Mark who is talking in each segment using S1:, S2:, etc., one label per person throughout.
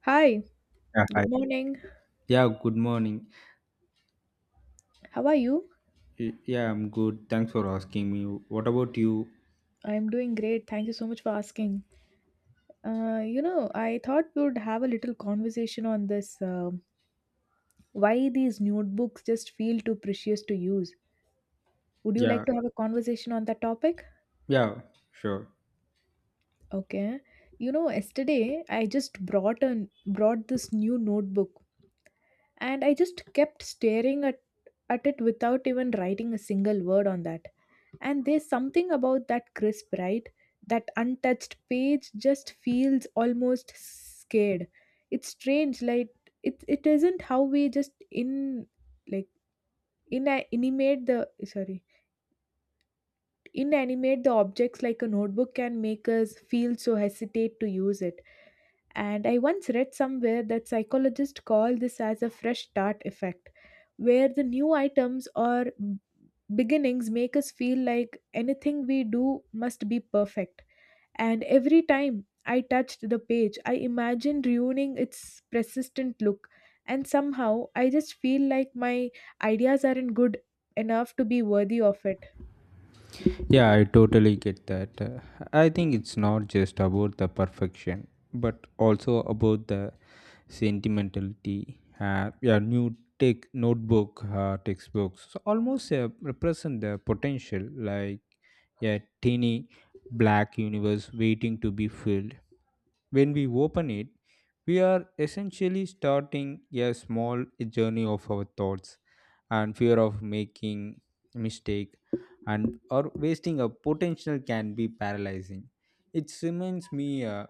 S1: Hi,
S2: Yeah,
S1: good
S2: hi.
S1: morning.
S2: Yeah, good morning.
S1: How are you?
S2: Yeah, I'm good. Thanks for asking me. What about you?
S1: I'm doing great. Thank you so much for asking. I thought we would have a little conversation on this why these notebooks just feel too precious to use. Would you
S2: Yeah,
S1: like to have a conversation on that topic?
S2: yeah, sure.
S1: Okay. Yesterday I just brought this new notebook and I just kept staring at it without even writing a single word on that. And there's something about that crisp, right? That untouched page just feels almost scared. It's strange, like it isn't how we just in like inanimate the sorry inanimate the objects like a notebook can make us feel so hesitate to use it, and I once read somewhere that psychologists call this as a fresh start effect, where the new items or beginnings make us feel like anything we do must be perfect. And every time I touched the page, I imagined ruining its persistent look. And somehow I just feel like my ideas aren't good enough to be worthy of it.
S2: Yeah, I totally get that. I think it's not just about the perfection, but also about the sentimentality. Yeah, new tech notebook, textbooks so almost represent the potential, like a teeny black universe waiting to be filled. When we open it, we are essentially starting a small journey of our thoughts, and fear of making mistake and or wasting a potential can be paralyzing. It reminds me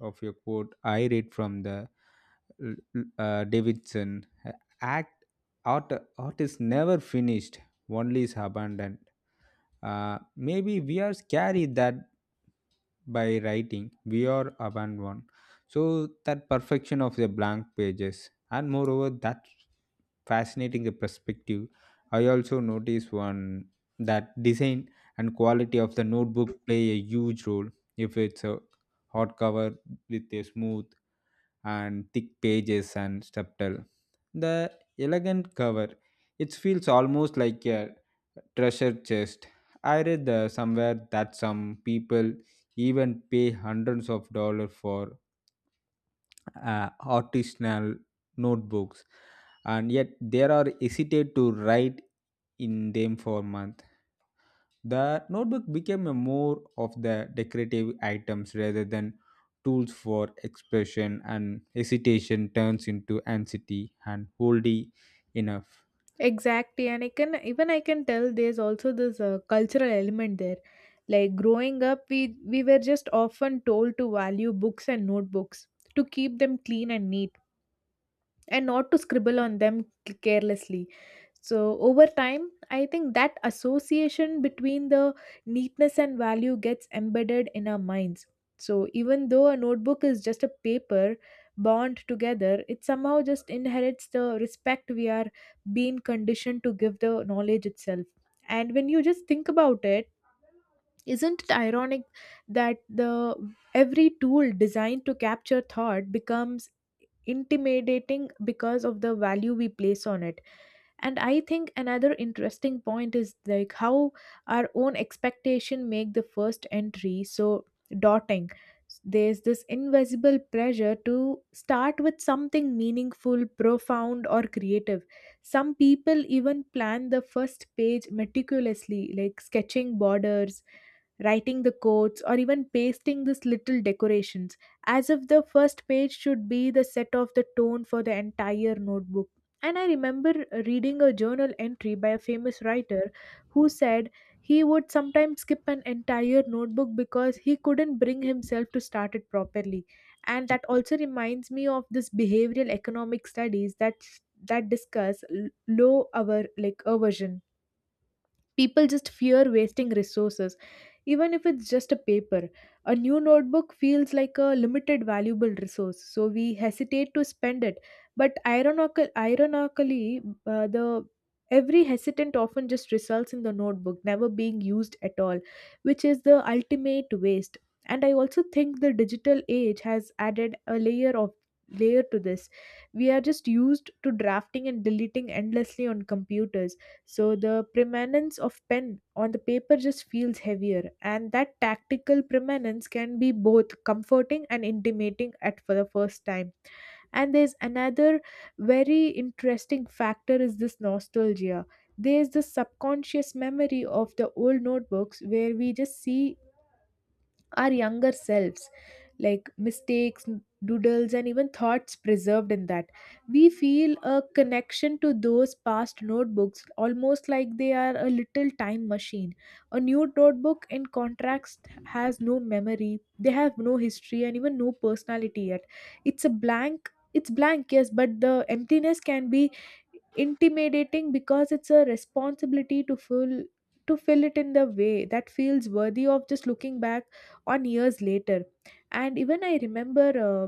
S2: of a quote I read from the Davidson. Act art art is never finished, only is abandoned. Maybe we are scary that by writing we are abandoned, so that perfection of the blank pages. And moreover, that fascinating perspective, I also noticed one, that design and quality of the notebook play a huge role. If it's a hardcover with a smooth and thick pages and subtle the elegant cover, it feels almost like a treasure chest. I read somewhere that some people even pay hundreds of dollars for artisanal notebooks, and yet they are hesitate to write in them for a month. The notebook became a more of the decorative items rather than tools for expression, and hesitation turns into anxiety and wholly enough.
S1: Exactly, and I can tell there's also this cultural element there. Like growing up, we were just often told to value books and notebooks, to keep them clean and neat and not to scribble on them carelessly. So, over time, I think that association between the neatness and value gets embedded in our minds. So, even though a notebook is just a paper bound together, it somehow just inherits the respect we are being conditioned to give the knowledge itself. And when you just think about it, isn't it ironic that the every tool designed to capture thought becomes intimidating because of the value we place on it. And I think another interesting point is like how our own expectation make the first entry so daunting. There's this invisible pressure to start with something meaningful, profound, or creative. Some people even plan the first page meticulously, like sketching borders, writing the quotes, or even pasting these little decorations, as if the first page should be the set of the tone for the entire notebook. And I remember reading a journal entry by a famous writer who said he would sometimes skip an entire notebook because he couldn't bring himself to start it properly. And that also reminds me of this behavioral economic studies that discuss low our like aversion. People just fear wasting resources, even if it's just a paper. A new notebook feels like a limited valuable resource, so we hesitate to spend it. But ironically, the every hesitant often just results in the notebook never being used at all, which is the ultimate waste. And I also think the digital age has added a layer to this. We are just used to drafting and deleting endlessly on computers, so the permanence of pen on the paper just feels heavier, and that tactical permanence can be both comforting and intimidating at for the first time. And there's another very interesting factor is this nostalgia. There's the subconscious memory of the old notebooks where we just see our younger selves, like mistakes, doodles, and even thoughts preserved in that. We feel a connection to those past notebooks almost like they are a little time machine. A new notebook in contrast has no memory, they have no history and even no personality yet. It's a blank, it's blank, yes, but the emptiness can be intimidating because it's a responsibility to fill it in the way that feels worthy of just looking back on years later. And even I remember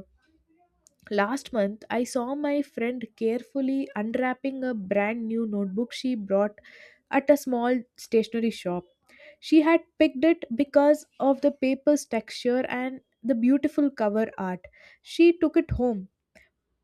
S1: last month I saw my friend carefully unwrapping a brand new notebook she brought at a small stationery shop. She had picked it because of the paper's texture and the beautiful cover art. She took it home,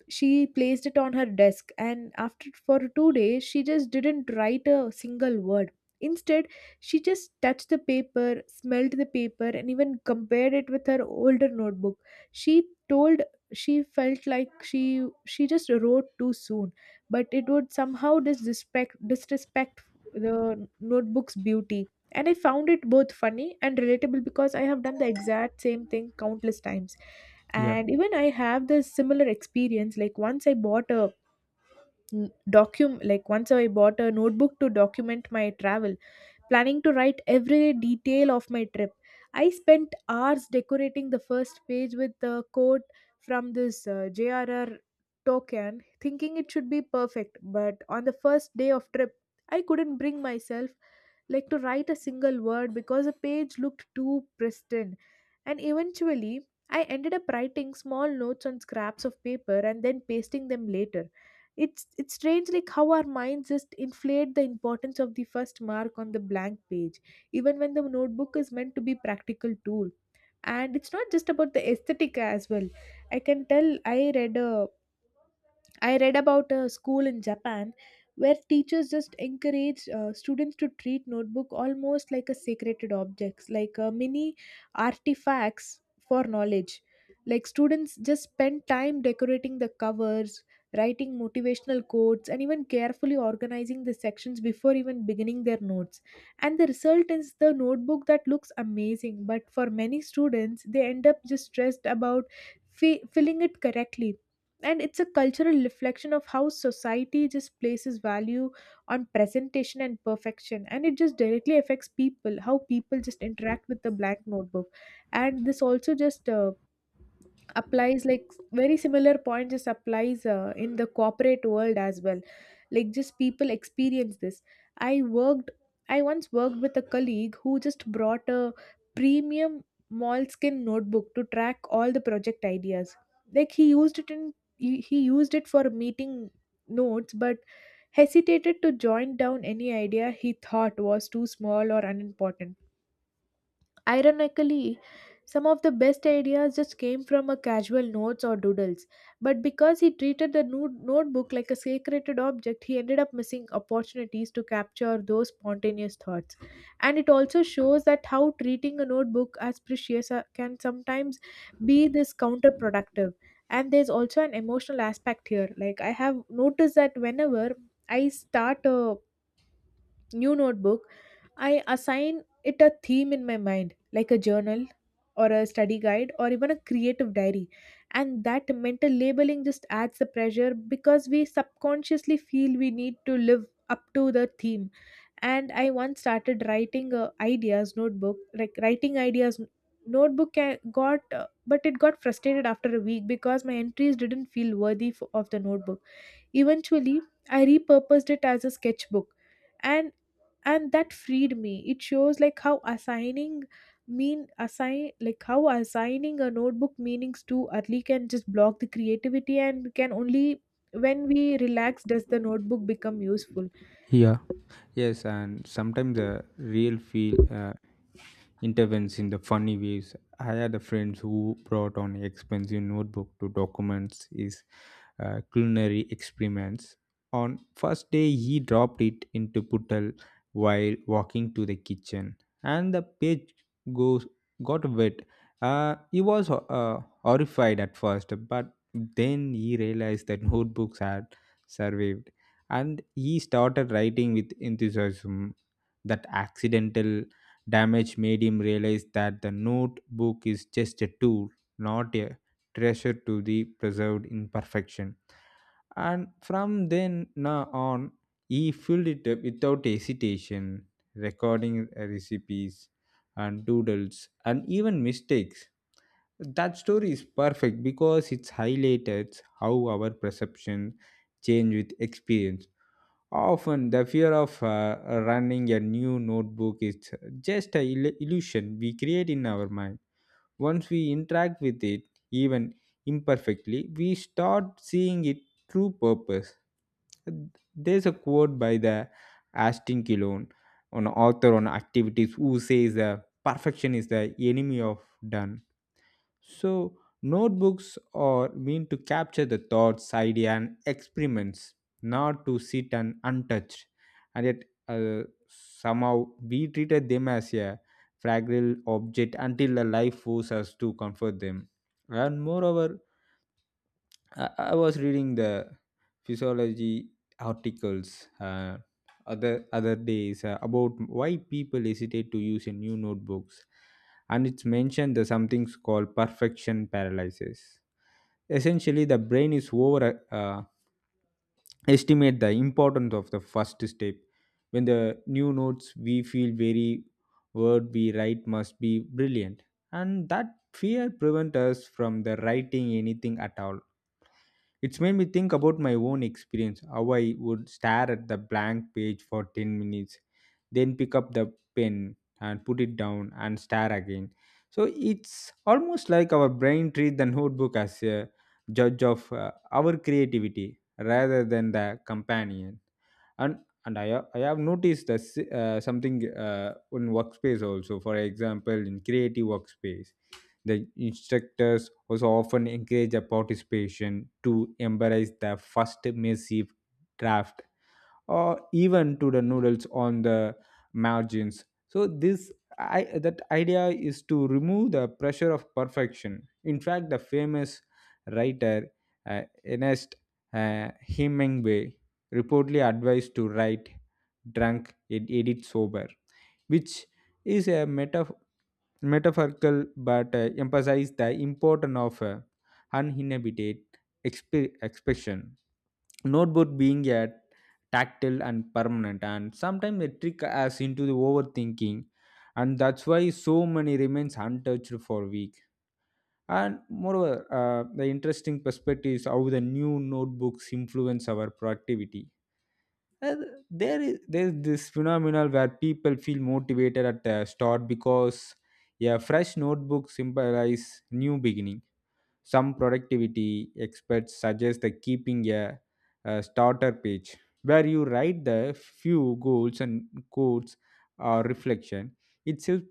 S1: she placed it on her desk, and after for 2 days she just didn't write a single word. Instead, she just touched the paper, smelled the paper, and even compared it with her older notebook. She told she felt like she just wrote too soon, but it would somehow disrespect the notebook's beauty. And I found it both funny and relatable because I have done the exact same thing countless times.
S2: Yeah.
S1: And even I have this similar experience, like once I bought a document like once I bought a notebook to document my travel, planning to write every detail of my trip. I spent hours decorating the first page with the quote from this JRR Tolkien, thinking it should be perfect. But on the first day of trip, I couldn't bring myself like to write a single word because the page looked too pristine. And eventually, I ended up writing small notes on scraps of paper and then pasting them later. It's strange like how our minds just inflate the importance of the first mark on the blank page, even when the notebook is meant to be practical tool. And it's not just about the aesthetic as well. I can tell I read about a school in Japan where teachers just encouraged students to treat notebook almost like a sacred objects, like mini artifacts for knowledge. Like students just spend time decorating the covers, writing motivational quotes, and even carefully organizing the sections before even beginning their notes. And the result is the notebook that looks amazing, but for many students, they end up just stressed about filling it correctly. And it's a cultural reflection of how society just places value on presentation and perfection, and it just directly affects people how people just interact with the blank notebook. And this also just applies like very similar point just applies in the corporate world as well, like just people experience this. i worked I once worked with a colleague who just brought a premium moleskin notebook to track all the project ideas. Like he used it for meeting notes, but hesitated to join down any idea he thought was too small or unimportant. Ironically, some of the best ideas just came from a casual notes or doodles, but because he treated the notebook like a sacred object, he ended up missing opportunities to capture those spontaneous thoughts. And it also shows that how treating a notebook as precious can sometimes be this counterproductive. And there's also an emotional aspect here. Like I have noticed that whenever I start a new notebook, I assign it a theme in my mind, like a journal or a study guide or even a creative diary. And that mental labeling just adds the pressure because we subconsciously feel we need to live up to the theme. And I once started writing a ideas notebook, like writing ideas n- notebook ca- got but it got frustrated after a week because my entries didn't feel worthy of the notebook. Eventually, I repurposed it as a sketchbook, and and that freed me. It shows like how assigning a notebook meanings too early can just block the creativity, and can only when we relax does the notebook become useful.
S2: Yeah. Yes, and sometimes the real feel intervenes in the funny ways. I had a friend who brought on expensive notebook to documents his culinary experiments. On first day, he dropped it into puddle while walking to the kitchen, and the page goes got wet. He was horrified at first, but then he realized that notebooks had survived, and he started writing with enthusiasm. That accidental damage made him realize that the notebook is just a tool, not a treasure to be preserved in perfection. And from then now on, he filled it up without hesitation, recording recipes and doodles and even mistakes. That story is perfect because it's highlighted how our perception change with experience. Often, the fear of running a new notebook is just an illusion we create in our mind. Once we interact with it, even imperfectly, we start seeing its true purpose. There's a quote by the Aston Kilon, an author on activities, who says, "Perfection is the enemy of done," so, notebooks are meant to capture the thoughts, idea, and experiments, not to sit and untouched. And yet, somehow we treated them as a fragile object until the life forces us to comfort them. And moreover, I was reading the physiology articles other days, about why people hesitate to use a new notebooks, and it's mentioned that something's called perfection paralysis. Essentially, the brain is over estimate the importance of the first step. When the new notes we feel very word we write must be brilliant, and that fear prevent us from the writing anything at all. It's made me think about my own experience, how I would stare at the blank page for 10 minutes, then pick up the pen and put it down and stare again. So it's almost like our brain treats the notebook as a judge of our creativity rather than the companion. And and I have noticed that something in workspace also, for example, in creative workspace, the instructors also often encourage the participation to embrace the first massive draft or even to the noodles on the margins. So this, that idea is to remove the pressure of perfection. In fact, the famous writer Ernest Hemingway reportedly advised to write drunk and edit sober, which is a metaphorical but emphasize the importance of uninhibited expression. Notebook being a tactile and permanent and sometimes a trick us into the overthinking, and that's why so many remains untouched for week. And moreover, the interesting perspective is how the new notebooks influence our productivity. uh, there is this phenomenon where people feel motivated at the start because a fresh notebook symbolizes new beginning. Some productivity experts suggest the keeping a starter page where you write the few goals and quotes or reflection. Itself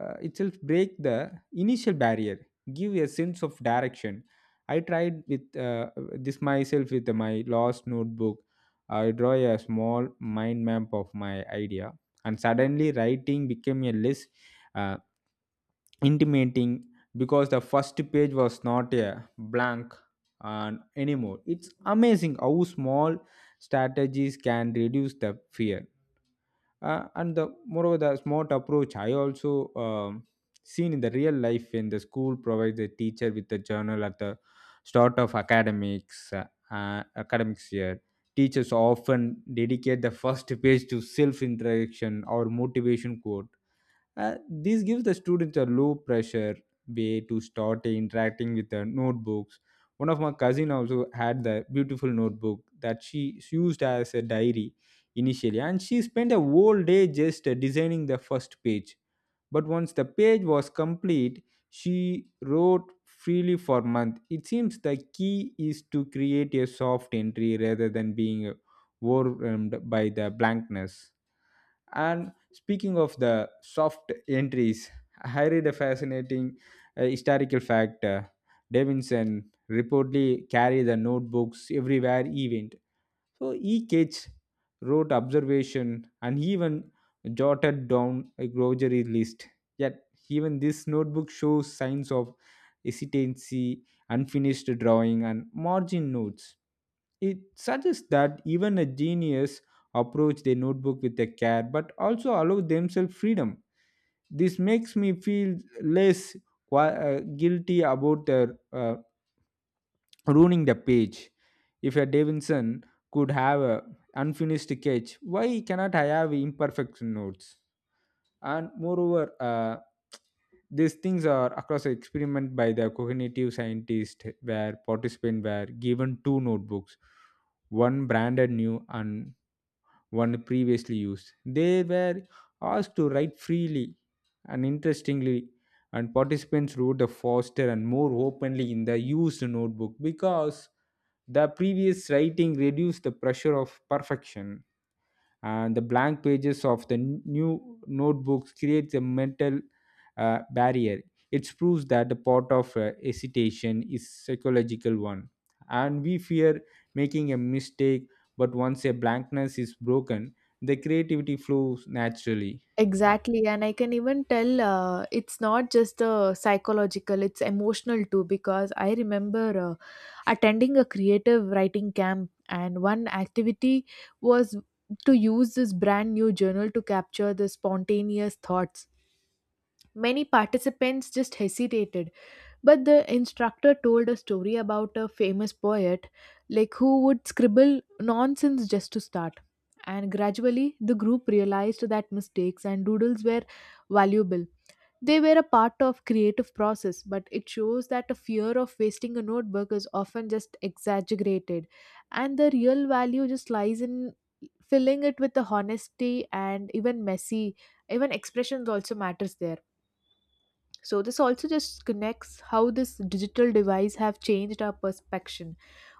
S2: itself break the initial barrier, give a sense of direction. I tried with this myself with my lost notebook. I draw a small mind map of my idea, and suddenly writing became a less uh, intimating because the first page was not a blank and anymore. It's amazing how small strategies can reduce the fear. And the moreover, the smart approach I also um, seen in the real life when the school provides the teacher with the journal at the start of academics, academics year, teachers often dedicate the first page to self-interaction or motivation quote. This gives the students a low pressure way to start interacting with their notebooks. One of my cousin also had the beautiful notebook that she used as a diary initially, and she spent a whole day just designing the first page. But once the page was complete, she wrote freely for month. It seems the key is to create a soft entry rather than being overwhelmed by the blankness. And speaking of the soft entries, I read a fascinating historical fact. Davidson reportedly carried the notebooks everywhere he went. So he wrote observation, and even jotted down a grocery list. Yet even this notebook shows signs of hesitancy, unfinished drawing, and margin notes. It suggests that even a genius approach their notebook with a care but also allow themselves freedom. This makes me feel less guilty about ruining the page. If a Davidson could have an unfinished sketch, why cannot I have imperfect notes? And moreover, these things are across the experiment by the cognitive scientist, where participants were given two notebooks, one branded new and one previously used. They were asked to write freely, and interestingly, and participants wrote the faster and more openly in the used notebook, because the previous writing reduced the pressure of perfection, and the blank pages of the new notebooks creates a mental barrier. It proves that the part of hesitation is psychological one, and we fear making a mistake. But once a blankness is broken, the creativity flows naturally. Uh,
S1: Exactly, and I can even tell it's not just the psychological, it's emotional too. Because I remember attending a creative writing camp and one activity was to use this brand new journal to capture the spontaneous thoughts. Many participants just hesitated, but the instructor told a story about a famous poet like who would scribble nonsense just to start, and gradually the group realized that mistakes and doodles were valuable. They were a part of creative process, but it shows that a fear of wasting a notebook is often just exaggerated, and the real value just lies in filling it with the honesty, and even messy, even expressions also matters there. So this also just connects how this digital device have changed our perception.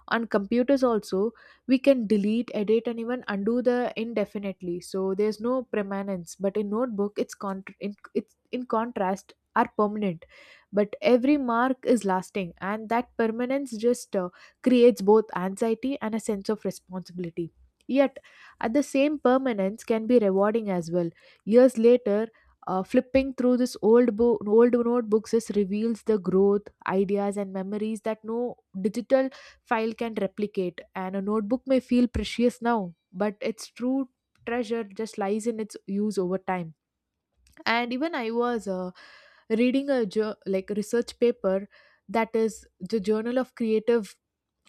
S1: On computers also we can delete, edit, and even undo the indefinitely, so there's no permanence, but in notebook it's in contrast are permanent, but every mark is lasting, and that permanence just creates both anxiety and a sense of responsibility. Yet at the same permanence can be rewarding as well. Years later, flipping through this old notebooks just reveals the growth, ideas, and memories that no digital file can replicate. And a notebook may feel precious now, but its true treasure just lies in its use over time. And even I was reading a like research paper, that is the Journal of Creative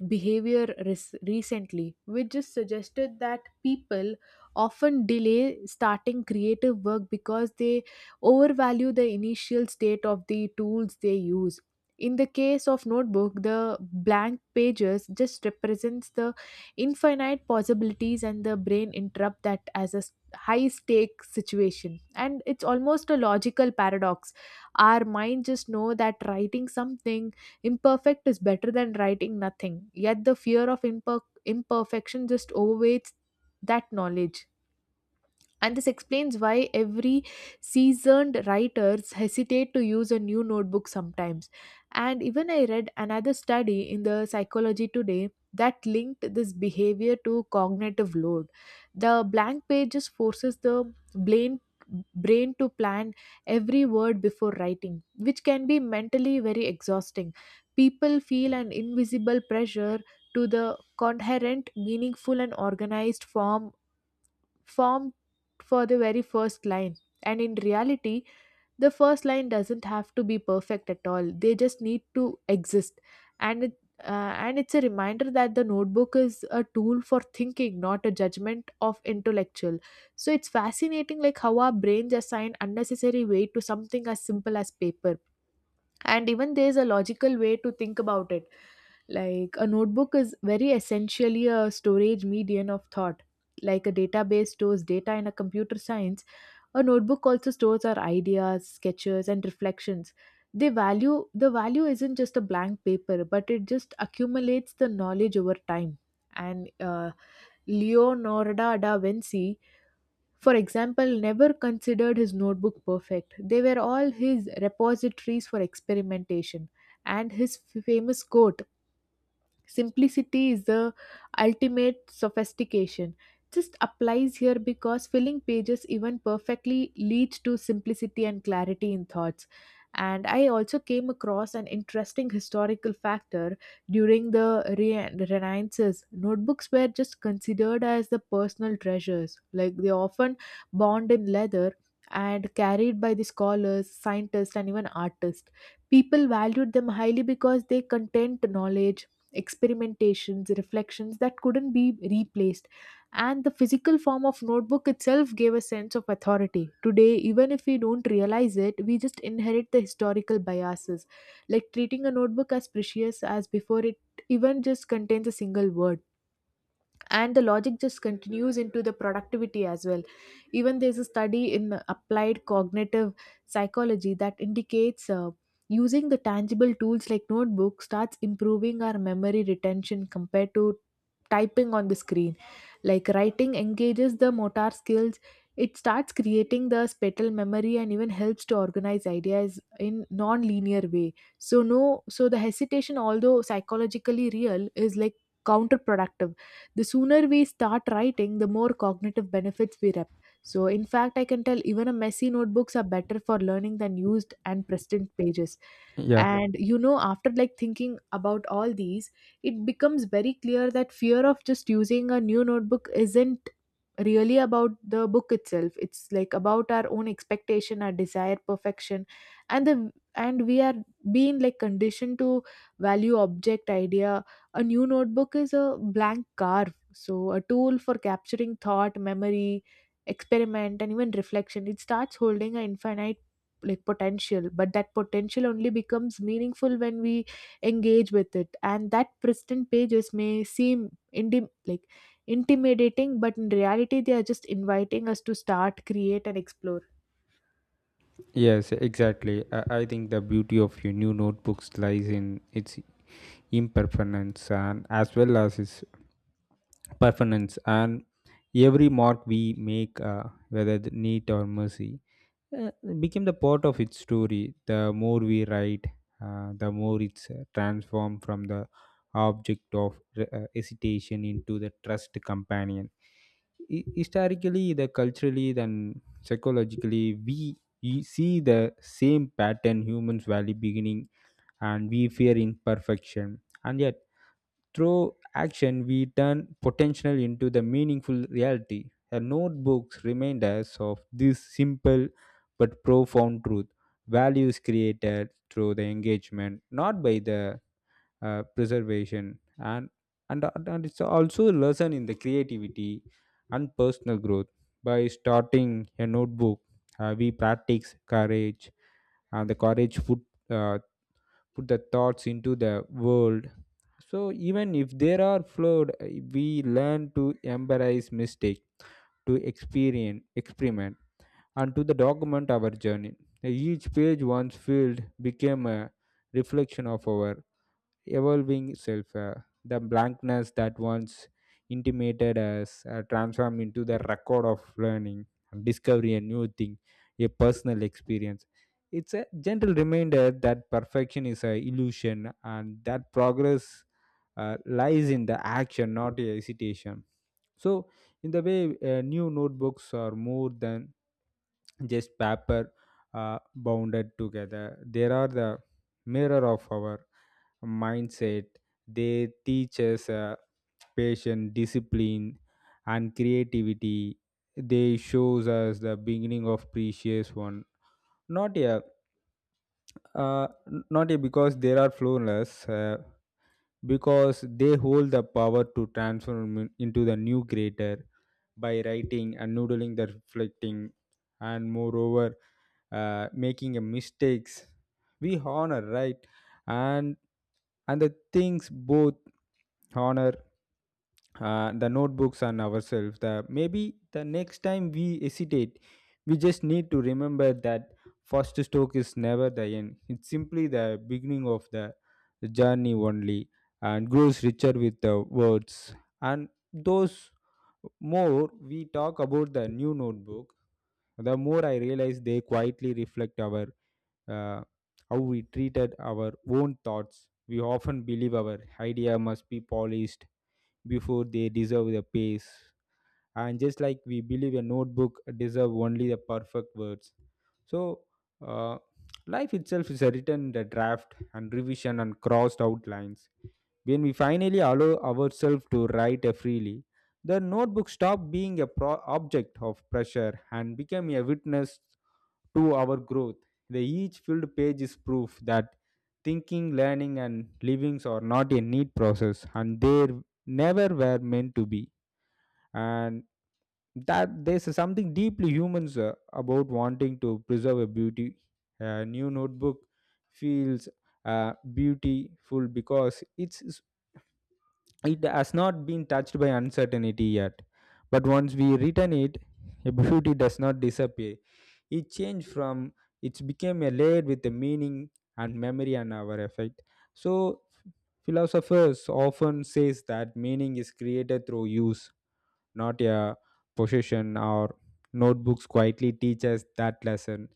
S1: Behavior, recently, which just suggested that people often delay starting creative work because they overvalue the initial state of the tools they use. In the case of notebook, the blank pages just represents the infinite possibilities, and the brain interrupt that as a high stake situation. And it's almost a logical paradox. Our mind just know that writing something imperfect is better than writing nothing, yet the fear of imperfection just overweights that knowledge. And this explains why every seasoned writers hesitate to use a new notebook sometimes. And even I read another study in the Psychology Today that linked this behavior to cognitive load. The blank pages forces the brain to plan every word before writing, which can be mentally very exhausting. People feel an invisible pressure to the coherent, meaningful, and organized formed for the very first line. And in reality, the first line doesn't have to be perfect at all. They just need to exist. And it, and it's a reminder that the notebook is a tool for thinking, not a judgment of intellectual. So it's fascinating, like how our brains assign unnecessary weight to something as simple as paper. And even there's a logical way to think about it. Like a notebook is very essentially a storage medium of thought. Like a database stores data in a computer science, a notebook also stores our ideas, sketches, and reflections. The value isn't just a blank paper, but it just accumulates the knowledge over time. And Leonardo da Vinci, for example, never considered his notebook perfect. They were all his repositories for experimentation. And his famous quote, "Simplicity is the ultimate sophistication," just applies here, because filling pages even perfectly leads to simplicity and clarity in thoughts. And I also came across an interesting historical factor during the Renaissance. Notebooks were just considered as the personal treasures, like they often bound in leather and carried by the scholars, scientists, and even artists. People valued them highly because they contained knowledge, experimentations, reflections that couldn't be replaced. And the physical form of notebook itself gave a sense of authority. Today, even if we don't realize it, we just inherit the historical biases, like treating a notebook as precious as before it even just contains a single word. And the logic just continues into the productivity as well. Even there's a study in applied cognitive psychology that indicates using the tangible tools like notebook starts improving our memory retention compared to typing on the screen. Like writing engages the motor skills, it starts creating the spatial memory, and even helps to organize ideas in non-linear way. So no so the hesitation, although psychologically real, is like counterproductive. The sooner we start writing, the more cognitive benefits we rep. So, in fact, I can tell even a messy notebooks are better for learning than used and present pages.
S2: Yeah,
S1: And you know, after like thinking about all these, it becomes very clear that fear of just using a new notebook isn't really about the book itself. It's like about our own expectation, our desire, perfection, and we are being like conditioned to value object idea. A new notebook is a blank carve, so a tool for capturing thought, memory, experiment, and even reflection. It starts holding an infinite like potential, but that potential only becomes meaningful when we engage with it. And that pristine pages may seem like intimidating, but in reality, they are just inviting us to start, create, and explore.
S2: yes, exactly. I think the beauty of your new notebooks lies in its impermanence and as well as its performance, and every mark we make, whether the neat or messy, uh, became the part of its story. The more we write, the more it's transformed from the object of hesitation into the trust companion. Historically, the culturally then psychologically, we see the same pattern, humans value beginning, and we fear imperfection. And yet, through action, we turn potential into the meaningful reality. The notebooks remind us of this simple but profound truth, values created through the engagement, not by the preservation. And it's also a lesson in the creativity and personal growth. By starting a notebook, we practice courage, and the courage uh, put the thoughts into the world, so even if there are flawed, we learn to embrace mistake, to experience, experiment, and to the document our journey. Each page once filled became a reflection of our evolving itself. The blankness that once intimated us transformed into the record of learning, discovery, a new thing, a personal experience. It's a gentle reminder that perfection is an illusion and that progress lies in the action, not a hesitation. So, in the way, new notebooks are more than just paper bounded together. They are the mirror of our mindset. They teach us, patience, discipline, and creativity. They shows us the beginning of precious one. Not here, uh, Not here because they are flawless. Because they hold the power to transform into the new greater by writing and noodling the reflecting. And moreover, making a mistakes we honor right, and and the things both honor, the notebooks and ourselves. The maybe the next time we hesitate, we just need to remember that first stroke is never the end, it's simply the beginning of the journey only, and grows richer with the words. And those more we talk about the new notebook, the more I realize they quietly reflect our, uh, how we treated our own thoughts. We often believe our idea must be polished before they deserve the pace, and just like we believe a notebook deserve only the perfect words. So uh, life itself is written in the draft and revision and crossed out lines. When we finally allow ourselves to write freely, the notebook stopped being a object of pressure and became a witness to our growth. The each filled page is proof that thinking learning and livings are not a neat process, and they never were meant to be. And that there's something deeply humans about wanting to preserve a beauty. A new notebook feels beautiful because it has not been touched by uncertainty yet. But once we return it, a beauty does not disappear. It changed from it's became a layered with a meaning and memory and our effect. So philosophers often says that meaning is created through use, not a possession, or notebooks quietly teach us that lesson.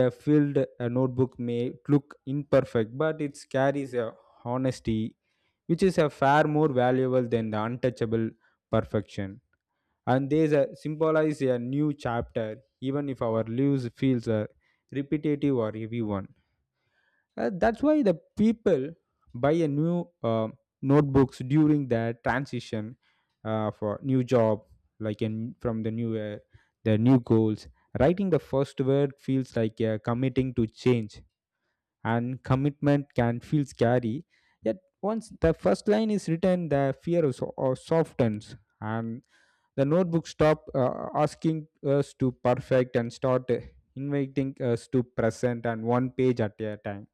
S2: A filled notebook may look imperfect but it carries a honesty, which is a far more valuable than the untouchable perfection. And these symbolize a new chapter even if our lives feels repetitive or heavy one. That's why the people buy a new notebooks during the transition, for new job, like in from the new year, the new goals. Writing the first word feels like committing to change, and commitment can feel scary. Yet once the first line is written, the fear is, softens, and the notebook stop asking us to perfect and start inviting us to present and one page at a time.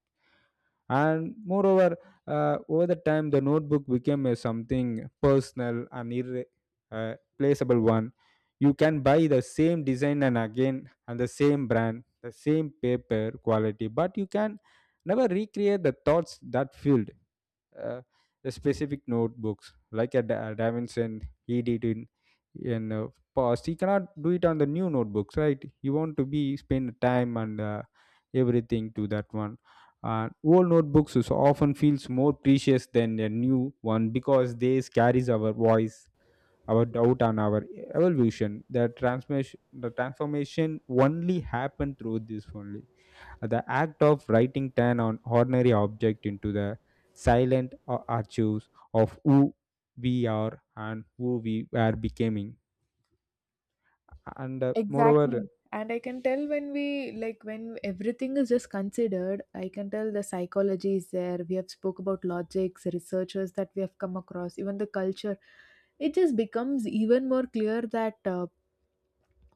S2: And moreover, over the time, the notebook became a something personal and irreplaceable, uh, one. You can buy the same design and again, and the same brand, the same paper quality, but you can never recreate the thoughts that filled uh, the specific notebooks, like a Davinson, he did in past. He cannot do it on the new notebooks, right? You want to be spend time and everything to that one. Old notebooks is often feels more precious than a new one because they carries our voice, our doubt, and our evolution. The transformation only happened through this only. The act of writing turn on ordinary object into the silent archives of who we are and who we are becoming. And moreover,
S1: Exactly. And I can tell when we like when everything is just considered, I can tell the psychology is there. We have spoke about logics, researchers that we have come across, even the culture. It just becomes even more clear that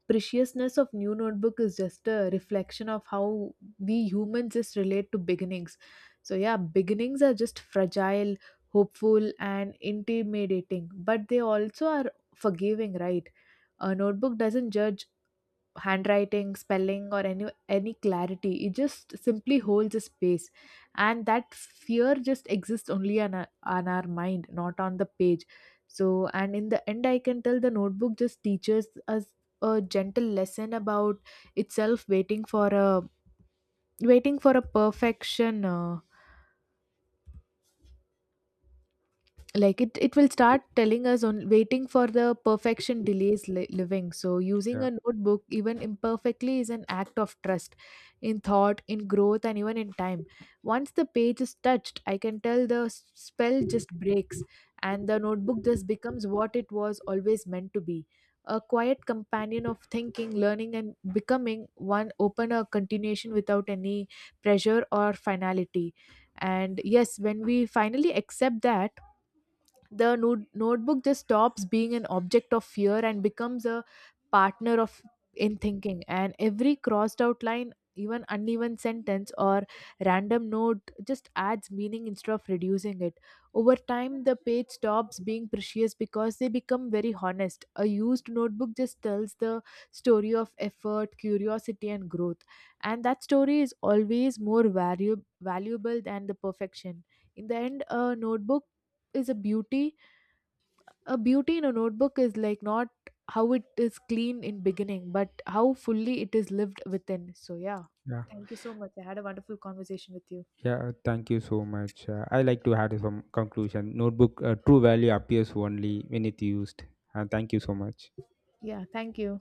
S1: preciousness of new notebook is just a reflection of how we humans just relate to beginnings. So yeah, beginnings are just fragile, hopeful, and intimidating, but they also are forgiving, right? A notebook doesn't judge handwriting, spelling, or any clarity. It just simply holds a space. And that fear just exists only on our mind, not on the page. So, and in the end, I can tell the notebook just teaches us a gentle lesson about itself. Waiting for a waiting for a perfection, like it will start telling us on waiting for the perfection delays living. So using
S2: yeah,
S1: a notebook, even imperfectly, is an act of trust in thought, in growth, and even in time. Once the page is touched, I can tell the spell just breaks, and the notebook just becomes what it was always meant to be, a quiet companion of thinking, learning, and becoming one open a continuation without any pressure or finality. And yes, when we finally accept that, the notebook just stops being an object of fear and becomes a partner of in thinking. And every crossed out line, even uneven sentence, or random note just adds meaning instead of reducing it. Over time, the page stops being precious because they become very honest. A used notebook just tells the story of effort, curiosity, and growth. And that story is always more valuable than the perfection. In the end, a notebook is a beauty. A beauty in a notebook is like not how it is clean in beginning, but how fully it is lived within. So yeah,
S2: yeah,
S1: thank you so much, I had a wonderful conversation with you.
S2: yeah. Thank you so much. I like to add some conclusion. Notebook, true value appears only when it used. And thank you so much.
S1: Yeah, thank you.